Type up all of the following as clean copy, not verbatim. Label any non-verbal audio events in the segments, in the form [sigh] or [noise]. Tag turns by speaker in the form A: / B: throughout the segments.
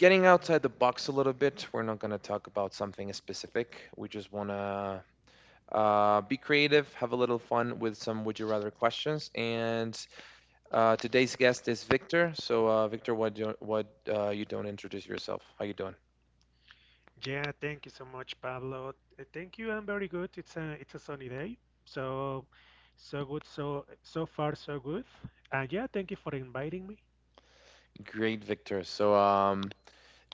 A: getting outside the box a little bit. We're not going to talk about something specific. We just want to be creative, have a little fun with some would you rather questions. And today's guest is Victor. So, Victor, what do, what you don't introduce yourself? How you doing?
B: Yeah, thank you so much, Pablo. Thank you. I'm very good. It's a sunny day, so so good. So so far so good. And yeah, thank you for inviting me.
A: Great, Victor. So,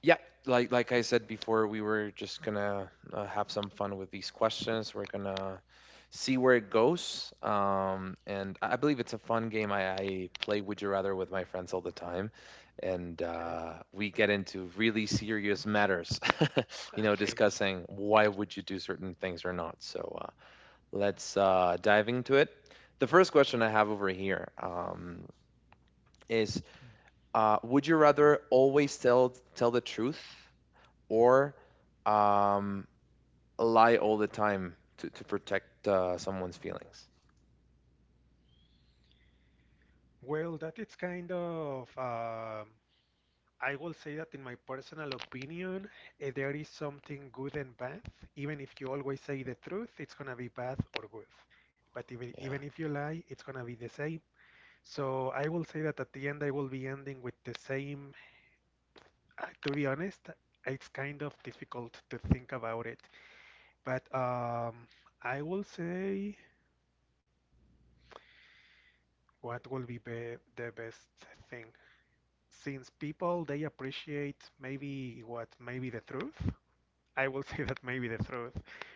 A: Yeah, like I said before, we were just gonna have some fun with these questions. We're gonna see where it goes. And I believe it's a fun game. I play Would You Rather with my friends all the time, and
B: Okay,
A: we get into really serious matters. [laughs]
B: okay.
A: Discussing why would you do certain things or not. So let's dive into it. The first question I have over here is: Would you rather always tell the truth, or um, lie all the time to protect someone's feelings?
B: Well, that is kind of, I will say that in my personal opinion, there is something good and bad. Even if you always say the truth, it's gonna be bad or good. But even
A: Yeah,
B: if you lie, it's gonna be the same. So I will say that at the end, I will be ending with the same. To be honest, it's kind of difficult to think about it, but I will say what will be the best thing. Since people they appreciate maybe what maybe the truth, I will [laughs] say that maybe the truth.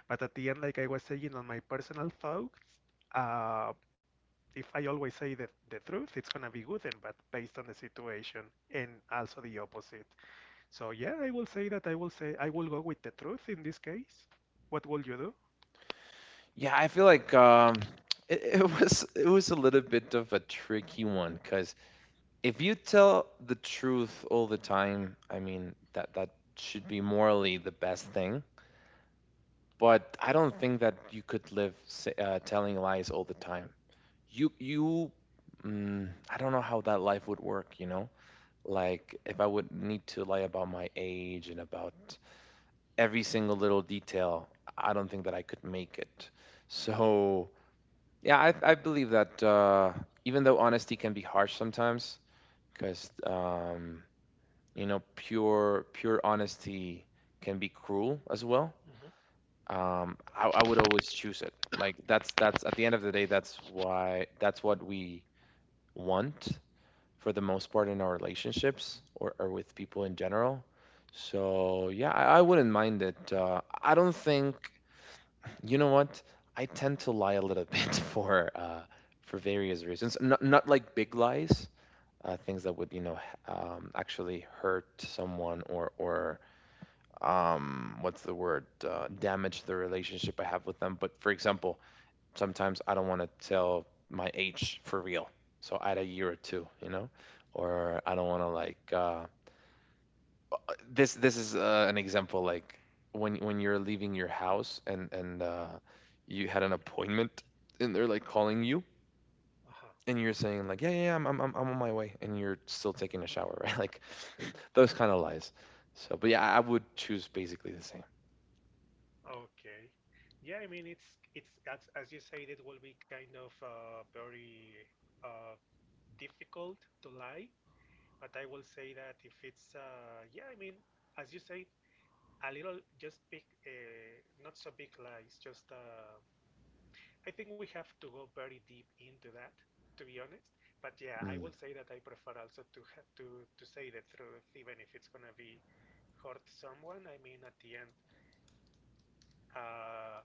B: But at the end, like I was saying on my personal thoughts, uh, if I always say the truth, it's gonna be good and bad based on the situation, and also the opposite. So yeah, I will say that I will go with the truth in this case. What will you do?
A: yeah. I feel like [laughs] it was a little bit of a tricky one because if you tell the truth all the time, I mean that should be morally the best thing. But I don't think that you could live telling lies all the time. You you. I don't know how that life would work, you know? Like, if I would need to lie about my age and about every single little detail, I don't think that I could make it. So, yeah, I believe that even though honesty can be harsh sometimes, because you know, pure honesty can be cruel as well.
B: Mhm.
A: I would always choose it. Like that's at the end of the day, that's what we want for the most part in our relationships or with people in general. So yeah, I wouldn't mind it. I don't think you know what, I tend to lie a little [laughs] bit for various reasons. Not like big lies, things that would, you know, actually hurt someone or what's the word, damage the relationship I have with them. But for example, sometimes I don't want to tell my age for real. So add a year or two, you know, or I don't want to This is an example. Like when you're leaving your house and you had an appointment and they're like calling you
B: Uh-huh.
A: and you're saying like yeah, I'm on my way and you're still taking a shower, right? [laughs] Like [laughs] those kind of lies. So but yeah, I would choose basically the same.
B: Okay. Yeah, I mean it's as you said, it will be kind of very uh, difficult to lie. But I will say that if it's yeah, I mean as you say, a little just big, not so big lies, just I think we have to go very deep into that, to be honest. But yeah, I
A: Mm.
B: will say that I prefer also to have to say the truth, even if it's gonna be hurt someone. I mean, at the end. Uh,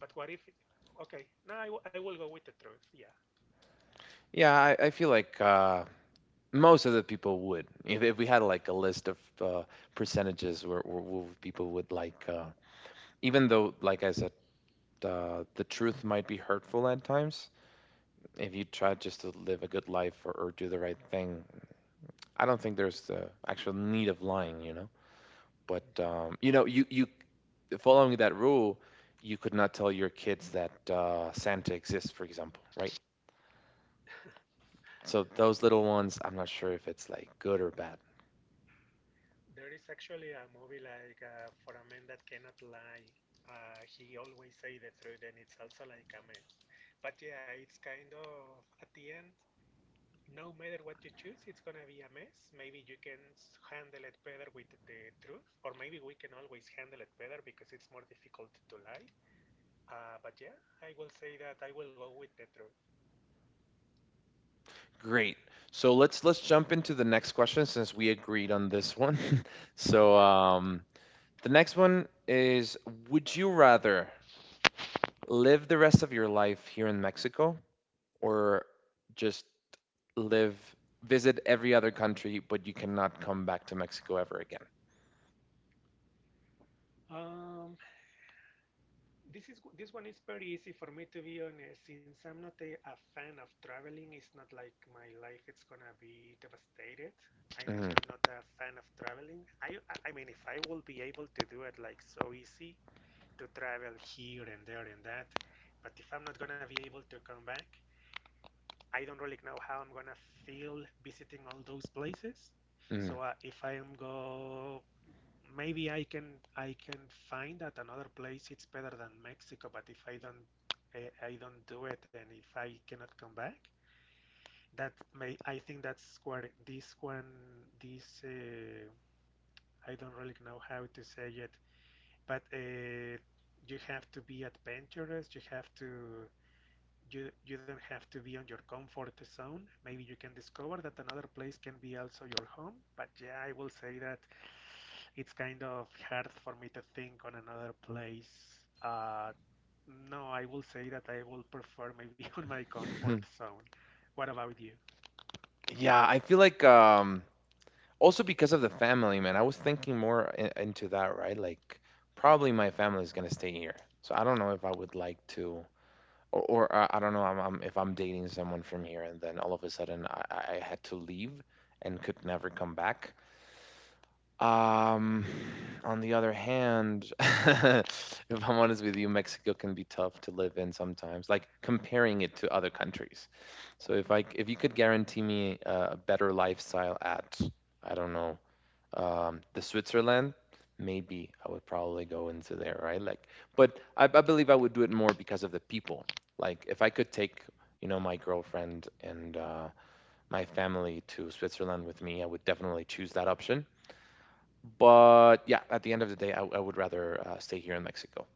B: but what if? Okay, no, I will go with the truth. Yeah.
A: Yeah, I feel like most of the people would. If we had like a list of percentages where people would like, even though, like I said, the truth might be hurtful at times. If you try just to live a good life or do the right thing, I don't think there's the actual need of lying, you know. But
B: Mm-hmm.
A: you know, you following that rule, you could not tell your kids that Santa exists, for example, right? So those little ones, I'm not sure if it's like good or bad.
B: There is actually a movie like for a man that cannot lie. He always say the truth, and it's also like a mess. But yeah, it's kind of at the end. No matter what you choose, it's gonna be a mess. Maybe you can handle it better with the truth, or maybe we can always handle it better because it's more difficult to lie. But yeah, I will say that I will go with the truth.
A: Great. So let's jump into the next question since we agreed on this one. [laughs] So
B: Okay.
A: um, the next one is: Would you rather live the rest of your life here in Mexico, or just live visit every other country, but you cannot come back to Mexico ever
B: Um, this one is pretty easy for me, to be honest. Since I'm not a fan of traveling, it's not like my life is gonna be devastated. I mean,
A: again?
B: I'm not a fan of traveling. I mean, if I will be able to do it like so easy, to travel here and there and that. But if I'm not gonna be able to come back, I don't really know how I'm gonna feel visiting all those places. So
A: Mhm,
B: if I am go, maybe I can find that another place it's better than Mexico. But if I don't I don't do it, and if I cannot come back, that may I think that's where this one this I don't really know how to say it, but you have to be adventurous. You don't have to be on your comfort zone. Maybe you can discover that another place can be also your home. But yeah, I will say that it's kind of hard for me to think on another place. Uh, no, I will say that I will prefer maybe [laughs] on my comfort
A: mhm.
B: zone. What about you?
A: [laughs] Yeah, I feel like also because of the family, man. I was thinking more into that, right? Like probably my family is gonna stay here, so I don't know if I would like to. Or I don't know. I'm If I'm dating someone from here, and then all of a sudden I had to leave and could never come back. Um, [sighs] on the other hand, [laughs] if I'm honest with you, Mexico can be tough to live in sometimes. Like comparing it to other countries. So if I c- if you could guarantee me a better lifestyle at, I don't know, the Switzerland, maybe I would probably go into there, right? Like, but I believe I would do it more because of the people. Like, if I could take, you know, my girlfriend and my family to Switzerland with me, I would definitely choose that option. But yeah, at the end of the day, I would rather stay here in Mexico.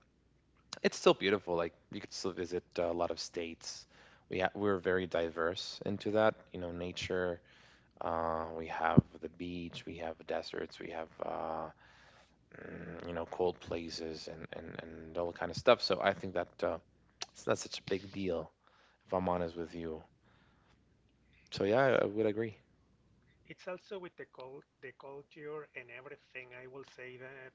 A: It's still beautiful. Like, you could still visit a lot of states. We're very diverse into that, you know, nature. We have the beach, we have deserts, we have you know, cold places and all kind of stuff. So I think that it's not such a big deal, if I'm honest with you. So yeah, I,
B: It's
A: I would agree.
B: Also with the culture and everything. I will say that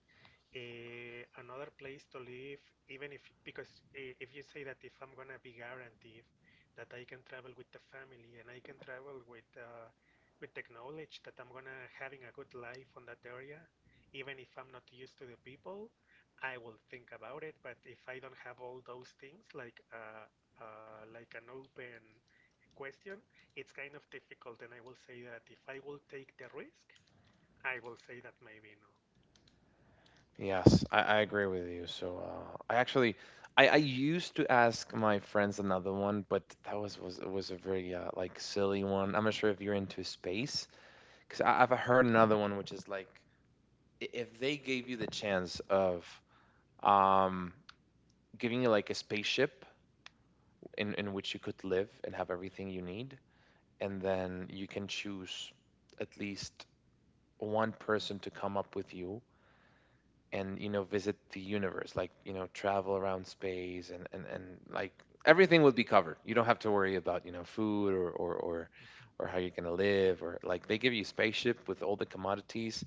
B: another place to live, even if, because if you say that if I'm gonna be guaranteed that I can travel with the family and I can travel with the knowledge that I'm gonna having a good life on that area, even if I'm not used to the people, I will think about it. But if I don't have all those things, like an open question, it's kind of difficult, and I will say that if I will take the risk, I will say that maybe no.
A: Yes, I agree with you. So I used to ask my friends another one, but that was a very like silly one. I'm not sure if you're into space, because I've heard another one, which is like, if they gave you the chance of, um giving you like a spaceship in which you could live and have everything you need, and then you can choose at least one person to come up with you, and, you know, visit the universe, like, you know, travel around space and like, everything will be covered, you don't have to worry about, you know, food or
B: Mm-hmm.
A: how you're going to live, or like they give you a spaceship with all the commodities,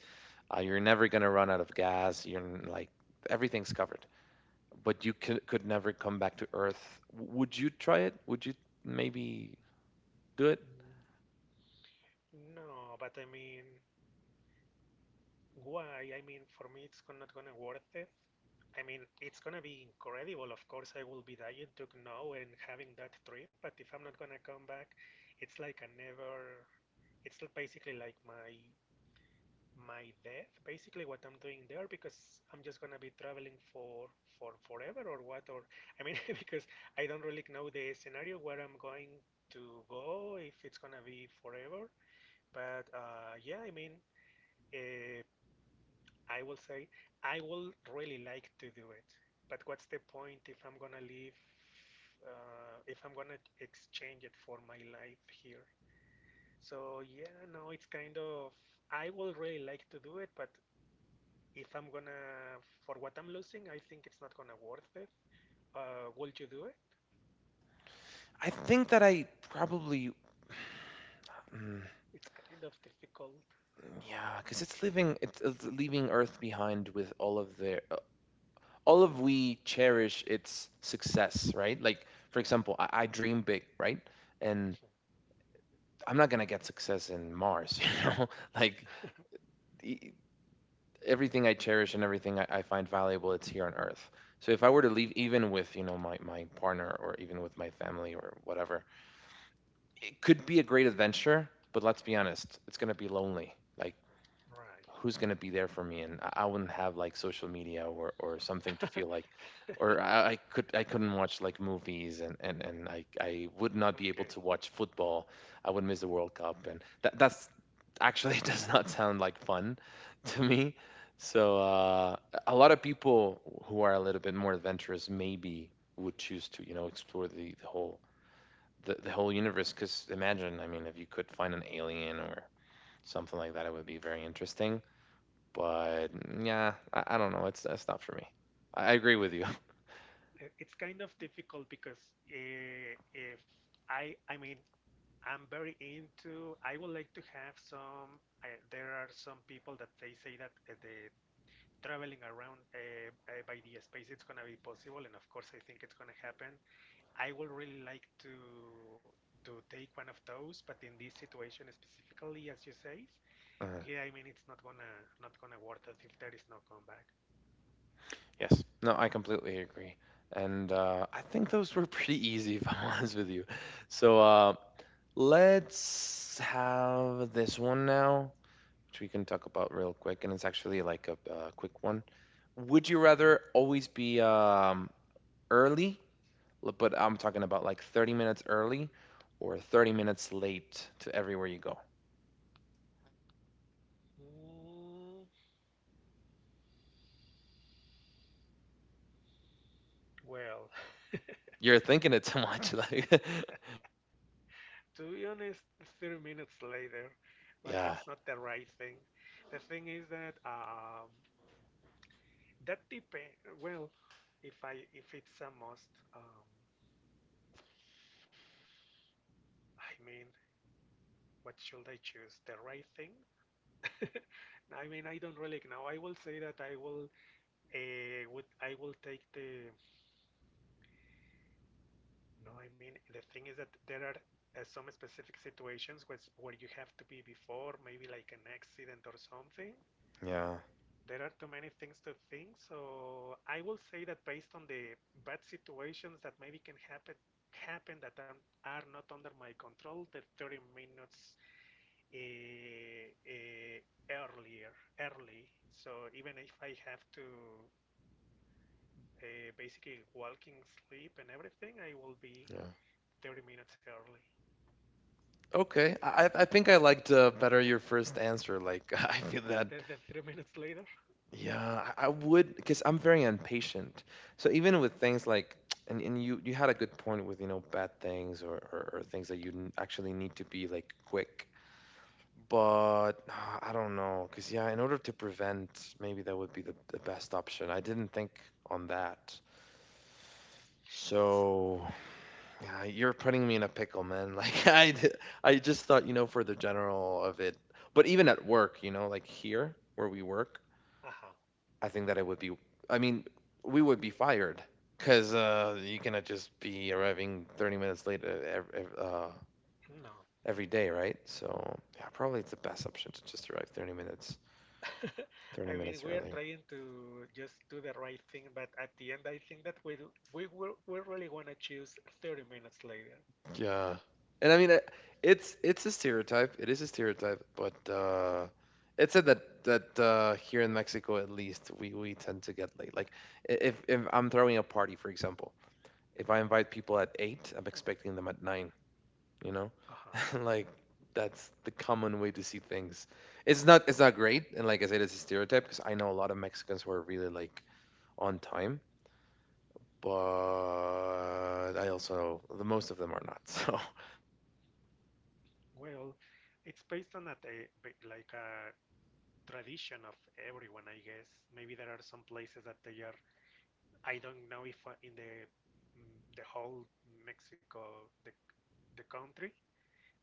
A: you're never going to run out of gas, you're like, everything's covered, but could never come back to Earth. Would you try it? Would you maybe do it?
B: No, but I mean, why? I mean, for me, it's not gonna worth it. I mean, it's gonna be incredible. Of course, I will be dying to know and having that trip. But if I'm not gonna come back, it's like I never. It's basically like my death, basically what I'm doing there, because I'm just gonna be traveling for forever or what? Or I mean, [laughs] because I don't really know the scenario where I'm going to go, if it's gonna be forever. But yeah, I mean, uh, I will say I will really like to do it. But what's the point if I'm gonna leave? If I'm gonna exchange it for my life here? So yeah, no, it's kind of I will really like to do it, but if I'm gonna, for what I'm losing, I think it's not gonna worth it. Will you do it?
A: I think that I probably... Mm,
B: It's kind of difficult.
A: yeah, because it's it's leaving Earth behind with all of their, all of we cherish its success, right? Like for example, I dream big, right? And I'm not gonna get success in Mars, [laughs] you know. Like
B: [laughs]
A: e- everything I cherish and everything I find valuable, it's here on Earth. So if I were to leave, even with, you know, my partner or even with my family or whatever, it could be a great adventure. But let's be honest, it's gonna be lonely. Like,
B: Right.
A: who's going to be there for me? And I wouldn't have like social media or something to feel like, or I could I couldn't watch like movies and I would
B: [laughs]
A: not be able
B: Okay.
A: to watch football. I would miss the World Cup, and that's actually [laughs] does not sound like fun [laughs] to me. So a lot of people who are a little bit more adventurous maybe would choose to, you know, explore the whole the whole universe, because imagine, I mean, if you could find an alien or something like that, it would be very interesting, but yeah, I don't know. It's That's not for me. I agree with you. [laughs]
B: It's kind of difficult because if I mean, I'm very into, I would like to have some, there are some people that they say that the traveling around by the space it's gonna be possible, and of course I think it's gonna happen. I would really like to take one of those, but in this situation specifically, as you say,
A: Uh,
B: yeah, I mean it's not gonna work out if there is no comeback.
A: yes. No, I completely agree. And I think those were [laughs] pretty easy, if I'm [laughs] honest with you. So let's have this one now, which we can talk about real quick. And it's actually like a, quick one. Would you rather always be early, but I'm talking about like 30 minutes early, or 30 minutes late to everywhere you go?
B: Mm, well,
A: You're thinking it too much. [laughs] Like,
B: to be honest, 30 minutes later, but
A: [laughs] yeah.
B: that's not the right thing. The thing is that that depends. Well, if I if it's a must, um, I mean, what should I choose? The right thing. [laughs] I mean, I don't really know. I will say that I will take the. No, I mean, the thing is that there are some specific situations where you have to be before, maybe like an accident or something.
A: Yeah,
B: There are too many things to think, so I will say that based on the bad situations that maybe can happen that are not under my control, the 30 minutes uh, uh, early. So even if I have to basically walking, sleep, and everything, I will be
A: yeah.
B: 30 minutes early.
A: Okay, I think I liked better your first answer. Like, [laughs] I feel that,
B: Then, 30 [laughs] minutes later,
A: yeah, I would, because I'm very impatient. So even with things like, [tsk] and you had a good point with, you know, bad things, or things that you actually need to be like quick. But [sighs] I don't know, because yeah, in order to prevent, maybe that would be the best option. I didn't think on that.
B: it's.
A: So yeah, you're putting me in a pickle, man. [laughs] I just thought, you know, for the general of it. But even at work, you know, like here where we work,
B: Uh huh.
A: I think that it would be, I mean, we would be fired, cuz uh, you cannot just be arriving 30 minutes late
B: No.
A: every day, right? So, yeah, probably it's the best option to just arrive
B: [laughs]
A: 30
B: I mean,
A: minutes
B: we are
A: earlier.
B: trying to just do the right thing, but at the end, I think that we really want to choose 30 minutes later.
A: Yeah. And I mean, it's a stereotype. It is a stereotype, but it said that here in Mexico, at least, we tend to get late. Like if I'm throwing a party, for example, if I invite people at eight, I'm expecting them at nine. You know,
B: Uh huh.
A: [laughs] like that's the common way to see things. It's not great, and like I said, it's a stereotype because I know a lot of Mexicans who are really like on time, but I also the most of them are not. [laughs] So.
B: Well, it's based on a like a tradition of everyone, I guess. Maybe there are some places that they are. I don't know if in the the whole Mexico, the country.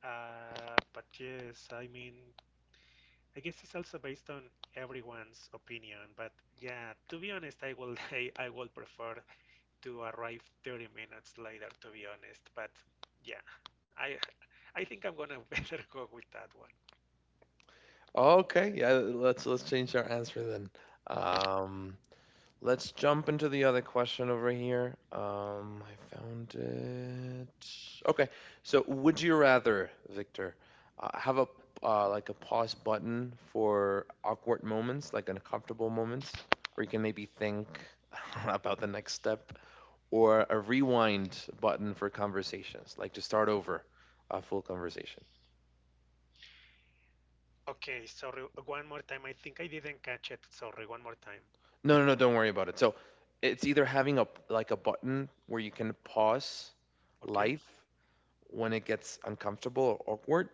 B: But yes, I mean, I guess it's also based on everyone's opinion. But yeah, to be honest, I will [laughs] I will prefer to arrive 30 minutes later. To be honest, but yeah, I I think I'm gonna [laughs] better go with that one.
A: Oh, okay, yeah, let's change our answer then. Um, let's jump into the other question over here. I found it. Okay, so would you rather, Victor, have a like a pause button for awkward moments, like uncomfortable moments, where you can maybe think [laughs] about the next step, or a rewind button for conversations, like to start over a full conversation?
B: Okay, sorry, one more time. I think I didn't catch it. Sorry, one more time.
A: No, no, no, don't worry about it. So it's either having a like a button where you can pause
B: Okay,
A: life when it gets uncomfortable or awkward.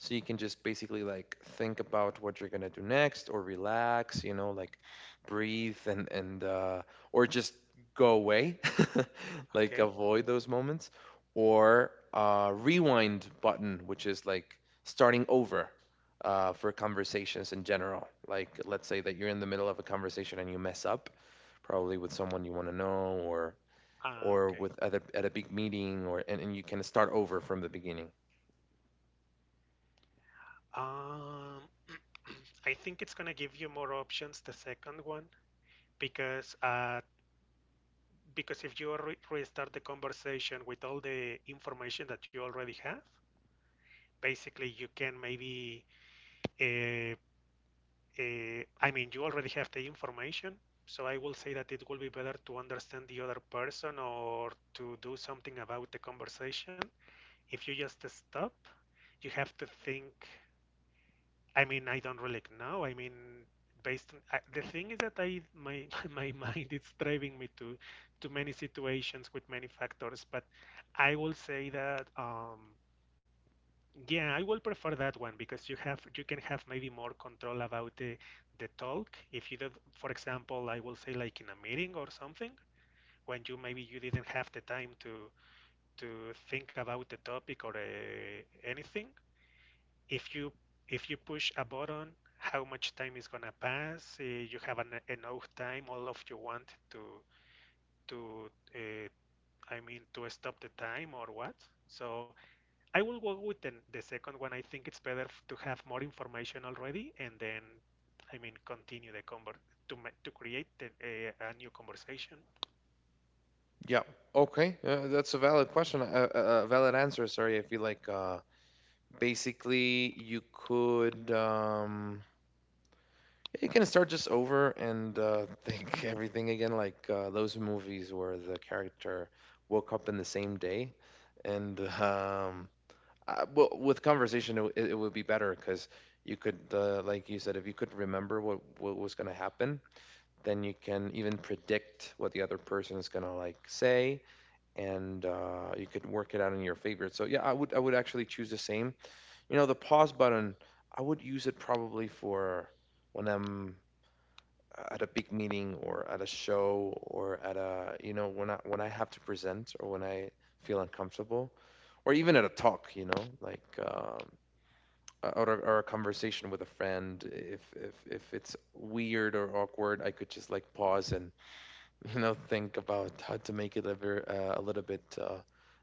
A: So you can just basically like think about what you're gonna do next or relax, you know, like breathe and or just go away, [laughs] like
B: okay,
A: avoid those moments, or rewind button, which is like starting over for conversations in general. Like let's say that you're in the middle of a conversation and you mess up, probably with someone you want to know
B: ah,
A: or
B: okay.
A: with at a big meeting or and you can start over from the beginning.
B: Um, [clears throat] I think it's gonna give you more options, the second one, because uh, because if you restart the conversation with all the information that you already have, basically you can maybe, uh, I mean, you already have the information. So I will say that it will be better to understand the other person or to do something about the conversation. If you just stop, you have to think. I mean, I don't really know. I mean, based on the thing is that I my [laughs] my mind is driving me to many situations with many factors, but I will say that yeah, I will prefer that one because you can have maybe more control about the talk. If you did, for example, I will say like in a meeting or something when you maybe you didn't have the time to think about the topic or anything. If you push a button, how much time is gonna pass? Uh, you have enough time all of you want to to uh, I mean to stop the time, or what? So I will go with the second one, I think it's better to have more information already and then I mean continue the conver to to create a new conversation.
A: Yeah. Okay. That's a valid question. A valid answer. Sorry. I feel like basically you could yeah, you can start just over and think [laughs] everything again, like those movies where the character woke up in the same day, and well, with conversation it, it would be better because you could, like you said, if you could remember what was gonna happen, then you can even predict what the other person is gonna like say, and you could work it out in your favor. So yeah, I would actually choose the same. You know, the pause button, I would use it probably for when I'm at a big meeting or at a show or at a you know when I have to present or when I feel uncomfortable or even at a talk. You know, like. Or, or a conversation with a friend if if it's weird or awkward I could just like pause and you know think about how to make it a ver a little bit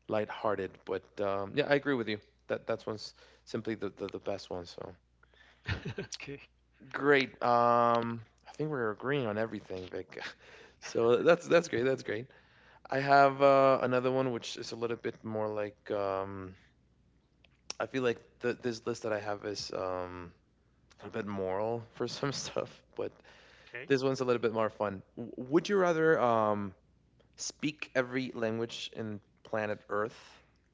A: lighthearted. But yeah, I agree with you. That that's one's simply the, the best one. So
B: Okay.
A: great. I think we're agreeing on everything, Vic. [laughs] So that's great. That's great. I have another one which is a little bit more like I feel like the, this list that I have is a bit moral for some [laughs] stuff, but
B: Okay,
A: this one's a little bit more fun. Would you rather speak every language in planet Earth,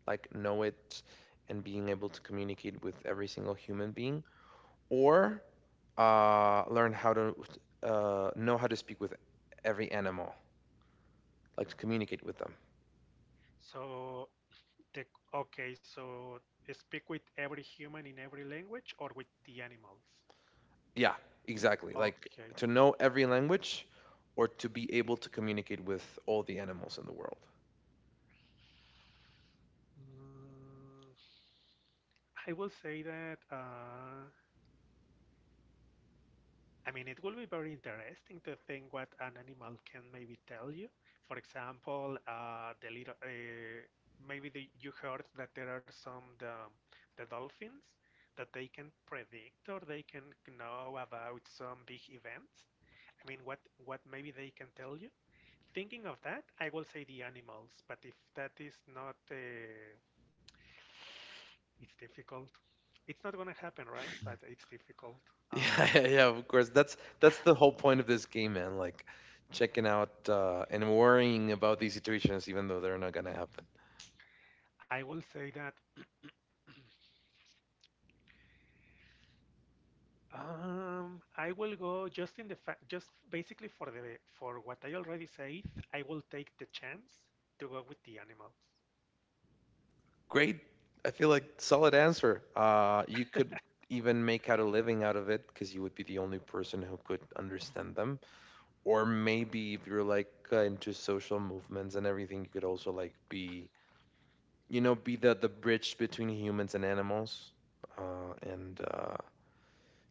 A: like know it and being able to communicate with every single human being, or learn how to know how to speak with every animal, like to communicate with them.
B: so the okay so speak with every human in every language or with the animals?
A: Yeah, exactly. Like
B: Okay.
A: to know every language or to be able to communicate with all the animals in the world. [laughs]
B: Mm, I will say that, I mean, it will be very interesting to think what an animal can maybe tell you. For example, the little, maybe you heard that there are the dolphins that they can predict or they can know about some big events. I mean, what maybe they can tell you. Thinking of that, I will say the animals, but if that is not, it's difficult. It's not gonna happen, right? But it's difficult.
A: Yeah,
B: Uh,
A: yeah, yeah, of course. That's the whole point of this game, man. Like checking out and worrying about these situations, even though they're not gonna happen.
B: I will say that I will go just in the fact, just basically for the for what I already said. I will take the chance to go with the animals.
A: Great. I feel like solid answer. You could even make out a living out of it because you would be the only person who could understand them. Or maybe if you're like into social movements and everything, you could also like be, you know, be the bridge between humans and animals, and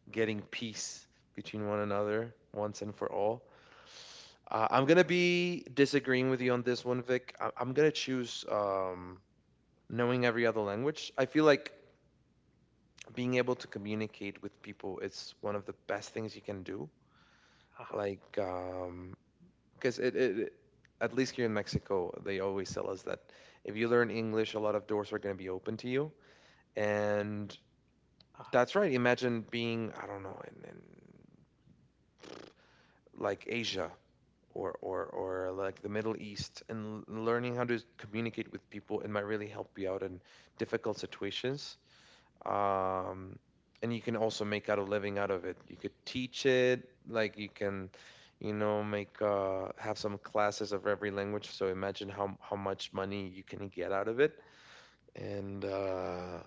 A: getting peace between one another once and for all. I'm gonna be disagreeing with you on this one, Vic. I'm gonna choose knowing every other language. I feel like being able to communicate with people is one of the best things you can do.
B: Uh-huh,
A: Like, because it, at least here in Mexico, they always tell us that if you learn English, a lot of doors are going to be open to you. And
B: uh-huh.
A: that's right. Imagine being, I don't know, in like Asia or, or, or like the Middle East and learning how to communicate with people. It might really help you out in difficult situations. um, and you can also make out a living out of it. You could teach it, like you can, you know, make have some classes of every language. So imagine how much money you can get out of it, and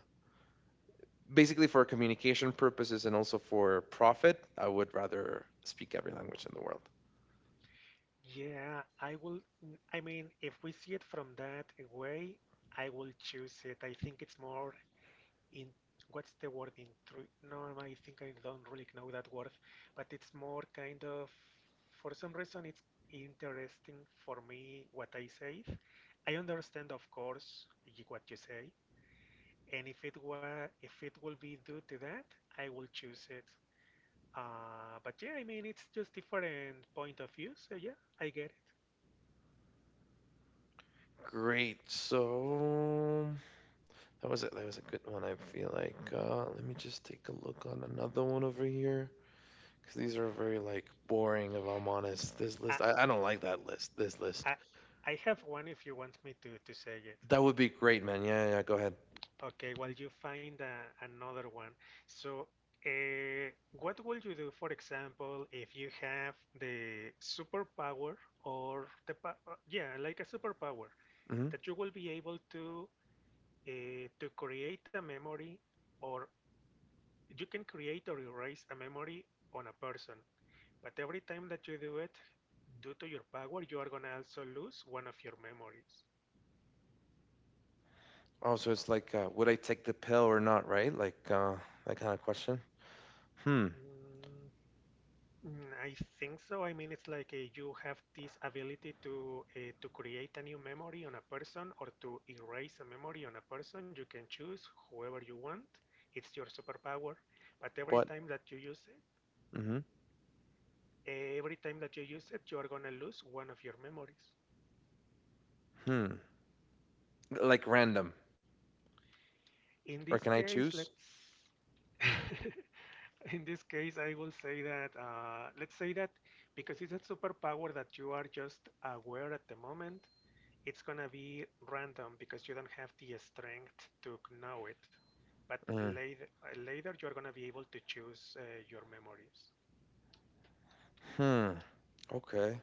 A: basically for communication purposes and also for profit, I would rather speak every language in the world.
B: Yeah, I will. I mean, if we see it from that way, I will choose it. I think it's more in what's the word in true? No, I think I don't really know that word, but it's more kind of for some reason it's interesting for me what I say. I understand, of course, what you say, and if it were if it will be due to that, I will choose it. But yeah, I mean, it's just different point of view, so yeah, I get it.
A: Great. So that was it. That was a good one. I feel like. Let me just take a look on another one over here. Because these are very like boring. If I'm honest, this
B: I,
A: list I don't like that list. This list
B: I, I have one if you want me to say it.
A: that would be great, man. Yeah, yeah, yeah, go ahead.
B: Okay, well, you find another one. So, uh, what would you do, for example, if you have the superpower or the pa yeah, like a superpower
A: Hmm.
B: that you will be able to create a memory, or you can create or erase a memory on a person, but every time that you do it, due to your power, you are gonna also lose one of your memories.
A: Also, it's like, would I take the pill or not? Right? Like that kind of question. Hmm.
B: Mm, Mm, I think so. I mean, it's like you have this ability to create a new memory on a person or to erase a memory on a person. You can choose whoever you want. It's your superpower. But every
A: What?
B: time that you use it,
A: Hmm.
B: every time that you use it, you are gonna lose one of your memories.
A: Hmm. Like random,
B: In this
A: or can I
B: case,
A: choose?
B: let's [laughs] in this case, I will say that let's say that because it's a superpower that you are just aware at the moment. It's gonna be random because you don't have the strength to know it. But
A: Mm.
B: later, later you are gonna be able to choose your memories.
A: Hmm. Okay.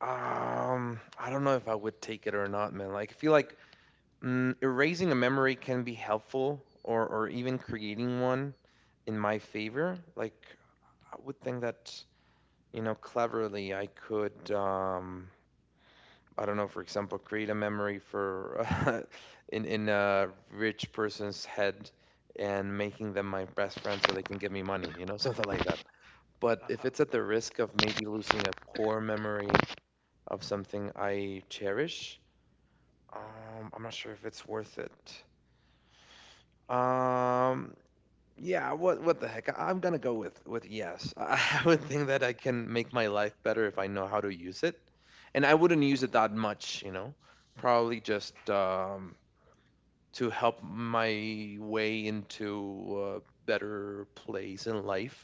A: I don't know if I would take it or not, man. Like, I feel like mm, erasing a memory can be helpful, or even creating one in my favor. Like, I would think that you know, cleverly, I could, I don't know, for example, create a memory for [laughs] in a rich person's head and making them my best friend so they can give me money, you know, [laughs] something like that. But if
B: Uh-huh.
A: it's at the risk of maybe losing a core memory of something I cherish, I'm not sure if it's worth it. Um, Yeah, what the heck? I'm gonna go with yes. [laughs] I would think that I can make my life better if I know how to use it, and I wouldn't use it that much, you know. Probably just to help my way into a better place in life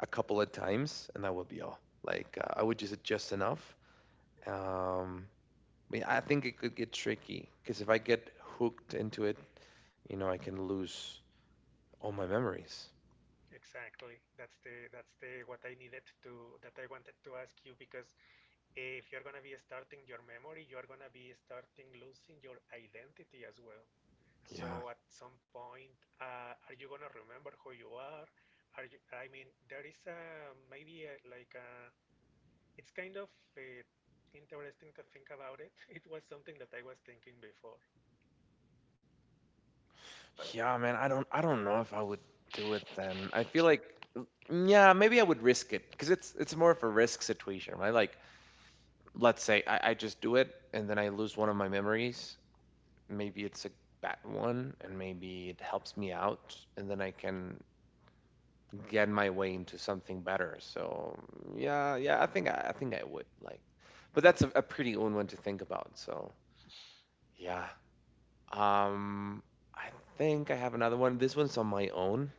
A: a couple of times, and that would be all. Like I would use it just enough. Um, but yeah, I think it could get tricky because if I get hooked into it, you know, I can lose all my memories.
B: Exactly. That's the what I needed to that I wanted to ask you because if you're gonna be starting your memory, you're gonna be starting losing your identity as well.
A: Yeah.
B: So at some point, are you gonna remember who you are? Are you? I mean, there is a maybe a, like a it's kind of uh, interesting to think about it. [laughs] It was something that I was thinking before, but
A: Yeah, man, I don't know if I would do it then. I feel like mm, yeah, maybe I would risk it because it's more of a risk situation, right? Like let's say I just do it and then I lose one of my memories. Maybe it's a bad one and maybe it helps me out and then I can get my way into something better. So yeah, yeah, I think I would like but that's a pretty own one to think about. So yeah. Um I think I have another one. This one's on my own.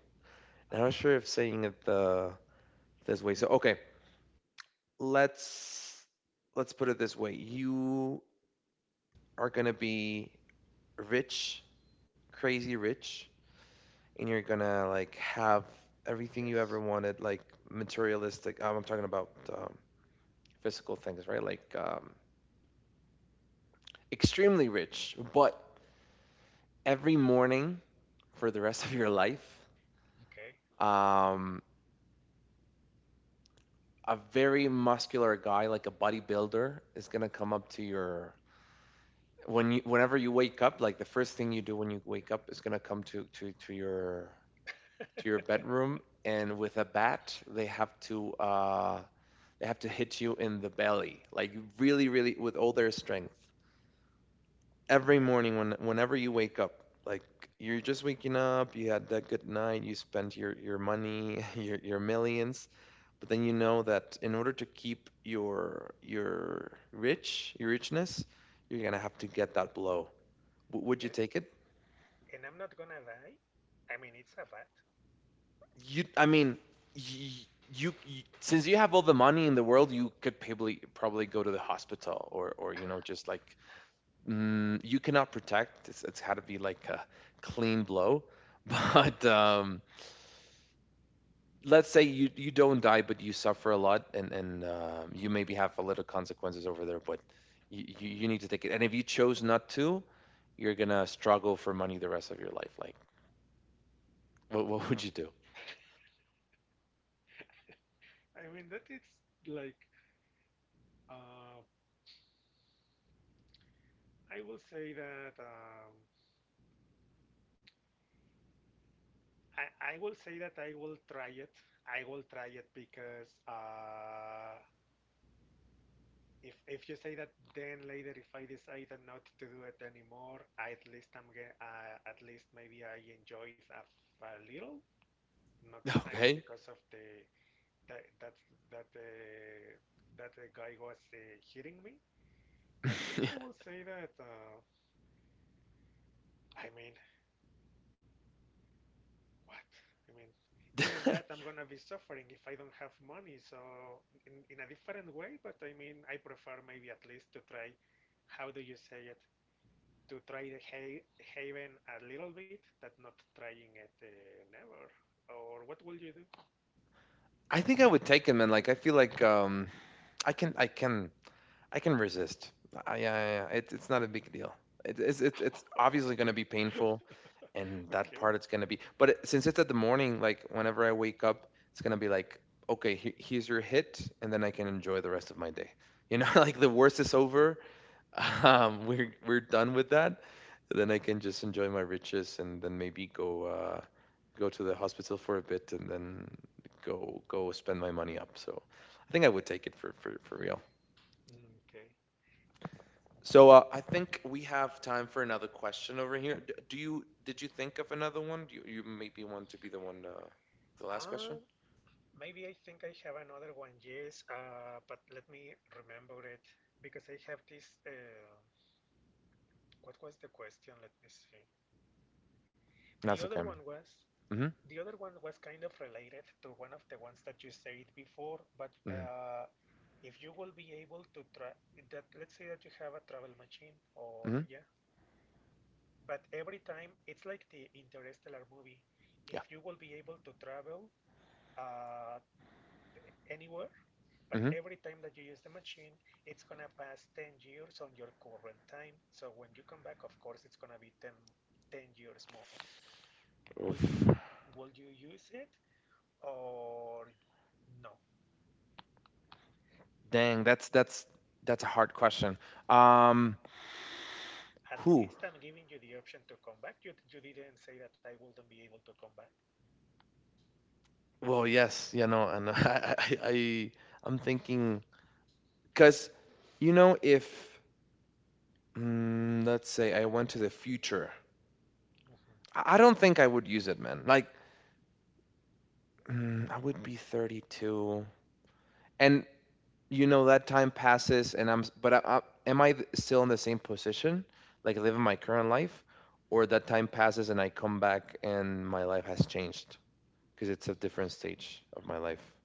A: I'm not
B: uh,
A: sure if saying it the this way. So okay, let's let's put it this way. You are gonna be rich, crazy rich, and you're gonna like have everything you
B: yes,
A: ever wanted, like materialistic. I'm talking about um, physical things, right? Like extremely rich, but every morning for the rest [laughs] of your life,
B: okay.
A: um, a very muscular guy, like a bodybuilder, is gonna come up to your when you whenever you wake up like the first thing you do when you wake up is going to come to your bedroom and with a bat they have to hit you in the belly like really really with all their strength every morning when whenever you wake up like you're just waking up you had that good night you spent your money [laughs] your millions but then you know that in order to keep your rich your richness you're going to have to get that blow. Would you
B: And,
A: take it?
B: and I'm not gonna lie. I mean, it's a bat.
A: You, I mean, you, you since you have all the money in the world, you could probably probably go to the hospital or you know just like mm, you cannot protect. It's had to be like a clean blow. [laughs] But let's say you you don't die, but you suffer a lot, and you maybe have a little consequences over there. But you, you need to take it. And if you chose not to, you're gonna struggle for money the rest of your life. Like, what would you do?
B: I mean, that it's like uh, I will say that I will say that I will try it. I will try it because if you say that, then later if I decide not to do it anymore, I, at least I'm ge- at least maybe I enjoyed a little, not
A: [laughs]
B: exactly
A: Okay.
B: because of the that that that that the guy was hitting me. But yeah, I
A: [laughs]
B: will say that. I mean, what? I mean, even
A: Yeah.
B: that
A: [laughs]
B: I'm gonna be suffering if I don't have money. So in a different way, but I mean, I prefer maybe at least to try. How do you say it? To try the ha- haven a little bit, that not trying it never. Or what will you do?
A: I think I would take 'em, and, like, I feel like, I can I can resist. I, yeah, yeah, yeah, it's not a big deal. It it's obviously gonna be painful,
B: [laughs]
A: and that
B: okay.
A: part it's gonna be, but it, since it's at the morning, like, whenever I wake up, it's gonna be like, "Okay, he here's your hit," and then I can enjoy the rest of my day. You know, [laughs] like, the worst is over. [laughs] We're done with that. Then I can just enjoy my riches and then maybe go go to the hospital for a bit and then go spend my money up. So I think I would take it for for real.
B: Mm, okay.
A: So I think we have time for another question over here. D- do you did you think of another one? Do you, you maybe want to be the one the last question?
B: Um, maybe I think I have another one, yes, but let me remember it because I have this. What was the question? Let me see. The
A: That's
B: other
A: okay,
B: one
A: man.
B: was.
A: Mm-hmm.
B: The other one was kind of related to one of the ones that you said before, but
A: Mm-hmm.
B: if you will be able to try that, let's say that you have a travel machine, or
A: Mm-hmm.
B: yeah, but every time it's like the Interstellar movie.
A: Yeah.
B: If you will be able to travel uh, anywhere, but
A: Mm-hmm.
B: every time that you use the machine, it's gonna pass 10 years on your current time. So when you come back, of course, it's gonna be 10, years more. Will
A: Oof.
B: you will you use it or no?
A: Dang,
B: At,
A: that's that's a hard question. Um,
B: at
A: who?
B: least I'm giving you the option to come back. You didn't say that I wouldn't be able to come back.
A: Well, yes, you know, and [laughs] I, I'm thinking because, you know, if let's say I went to the future,
B: Mhm.
A: I don't think I would use it, man. Like, mm, I would be 32, and you know that time passes, and I'm, s- but am I still in the same position, like living my current life, or that time passes and I come back and my life has changed because it's a different stage of my life.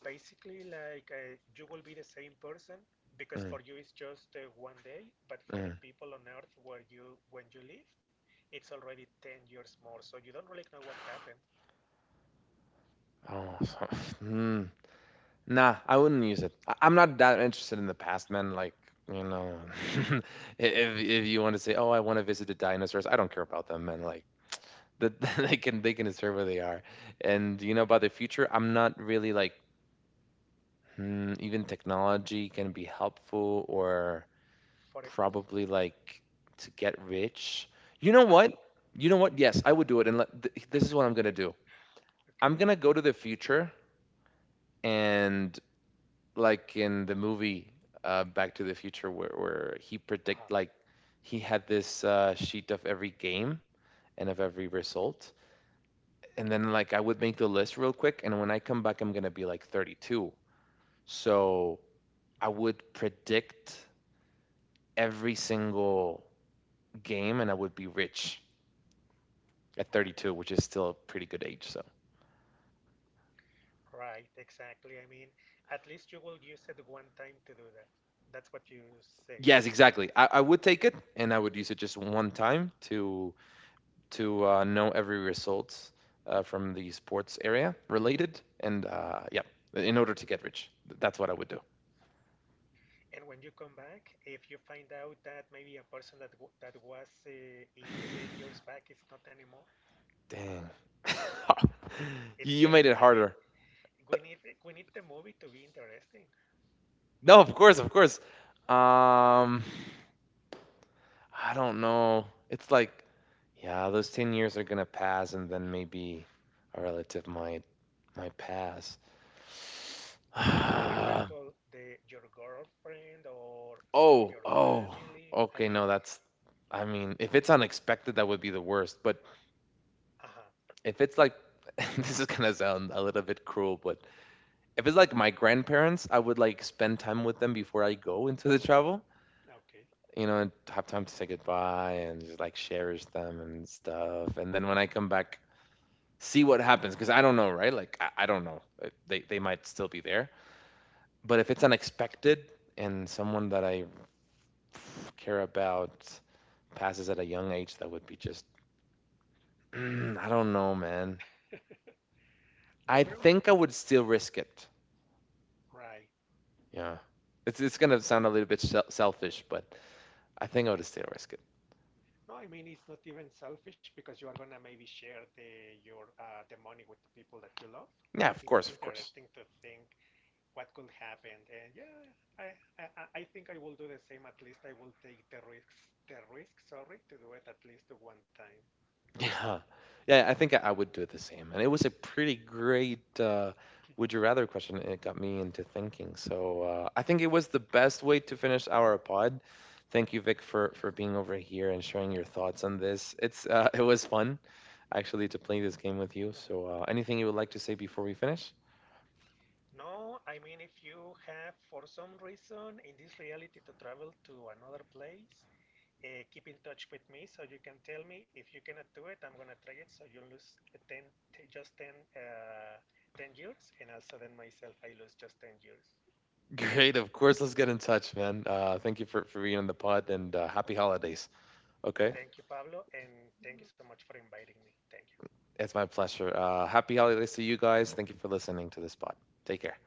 B: Basically, like you will be the same person because
A: Mm,
B: for you it's just one day, but for the
A: mm.
B: people on Earth where you when you live, it's already 10 years more. So you don't really know what happened.
A: Oh, [laughs] so, mm. Nah, I wouldn't use it. I- I'm not that interested in the past, man. Like, you know, [laughs] if you want to say, "Oh, I want to visit the dinosaurs," I don't care about them, man. Like, the, [laughs] they can deserve where they are. And you know, about the future, I'm not really like, hmm, even technology can be helpful or
B: For it.
A: probably like to get rich. You know
B: Uh-huh.
A: what? You know what? Yes, I would do it. And let, this is what I'm gonna do. I'm
B: Okay.
A: gonna go to the future and, like in the movie Back to the Future, where he
B: Uh-huh.
A: predict, like he had this sheet of every game and of every result, and then like I would make the list real quick, and when I come back, I'm gonna be like 32. So I
B: Mhm.
A: would predict every single game, and I would be rich at 32, which is still a pretty good age. So
B: Right. Exactly. I mean, at least you will use it one time to do that. That's what you say.
A: yes, exactly. I would take it, and I would use it just one time to know every result from the sports area related. And yeah, in order to get rich, that's what I would do.
B: And when you come back, if you find out that maybe a person that w that was I- 10 years back is not anymore,
A: Dang. [laughs]
B: it's
A: You
B: getting.
A: made it
B: I mean,
A: harder.
B: we need we need the movie to be interesting.
A: No, of course, of course. Um, I don't know. It's like, yeah, those 10 years are gonna pass, and then maybe a relative might pass. [sighs]
B: So, for
A: Oh,
B: example, the your girlfriend or some of your
A: oh.
B: family. I
A: Okay,
B: mean,
A: no, that's, I mean, if it's unexpected, that would be the worst. But
B: uh-huh.
A: if it's like, [laughs] this is gonna sound a little bit cruel, but if it's like my grandparents, I would like spend time with them before I go into the travel,
B: Okay.
A: you know, and have time to say goodbye and just like cherish them and stuff. And then when I come back, see what happens because I don't know, right? Like I don't know. They they might still be there, but if it's unexpected and someone that I care about passes at a young age, that would be just [clears throat] I don't know, man.
B: The
A: I
B: girl.
A: think I would still risk it.
B: Right.
A: Yeah. It's gonna sound a little bit selfish, but I think I would still risk it.
B: No, I mean it's not even selfish because you are gonna maybe share the your the money with the people that you love. But
A: Yeah, of
B: it's
A: course, of course.
B: interesting
A: [laughs]
B: to think what could happen. And yeah, I I think I will do the same. At least I will take the risks the risk. Sorry, to do it at least one time.
A: Yeah, yeah. I think I would do it the same. And it was a pretty great "Would you rather" question. It got me into thinking. So I think it was the best way to finish our pod. Thank you, Vic, for being over here and sharing your thoughts on this. It's [laughs] it was fun actually to play this game with you.
B: Mhm.
A: So anything you would like to say before we finish?
B: No, I mean if you have for some reason in this reality to travel to another place, keep in touch with me so you can tell me if you cannot do it, I'm gonna try it. So you lose 10, just 10, uh, 10 years, and also then myself, I lose just 10 years.
A: Great, of course. Let's get in touch, man. Thank you for being on the pod and happy holidays. Okay,
B: Thank you, Pablo, and thank you so much for inviting me. Thank you.
A: it's my pleasure. Happy holidays to you guys. Thank you for listening to this pod. Take care.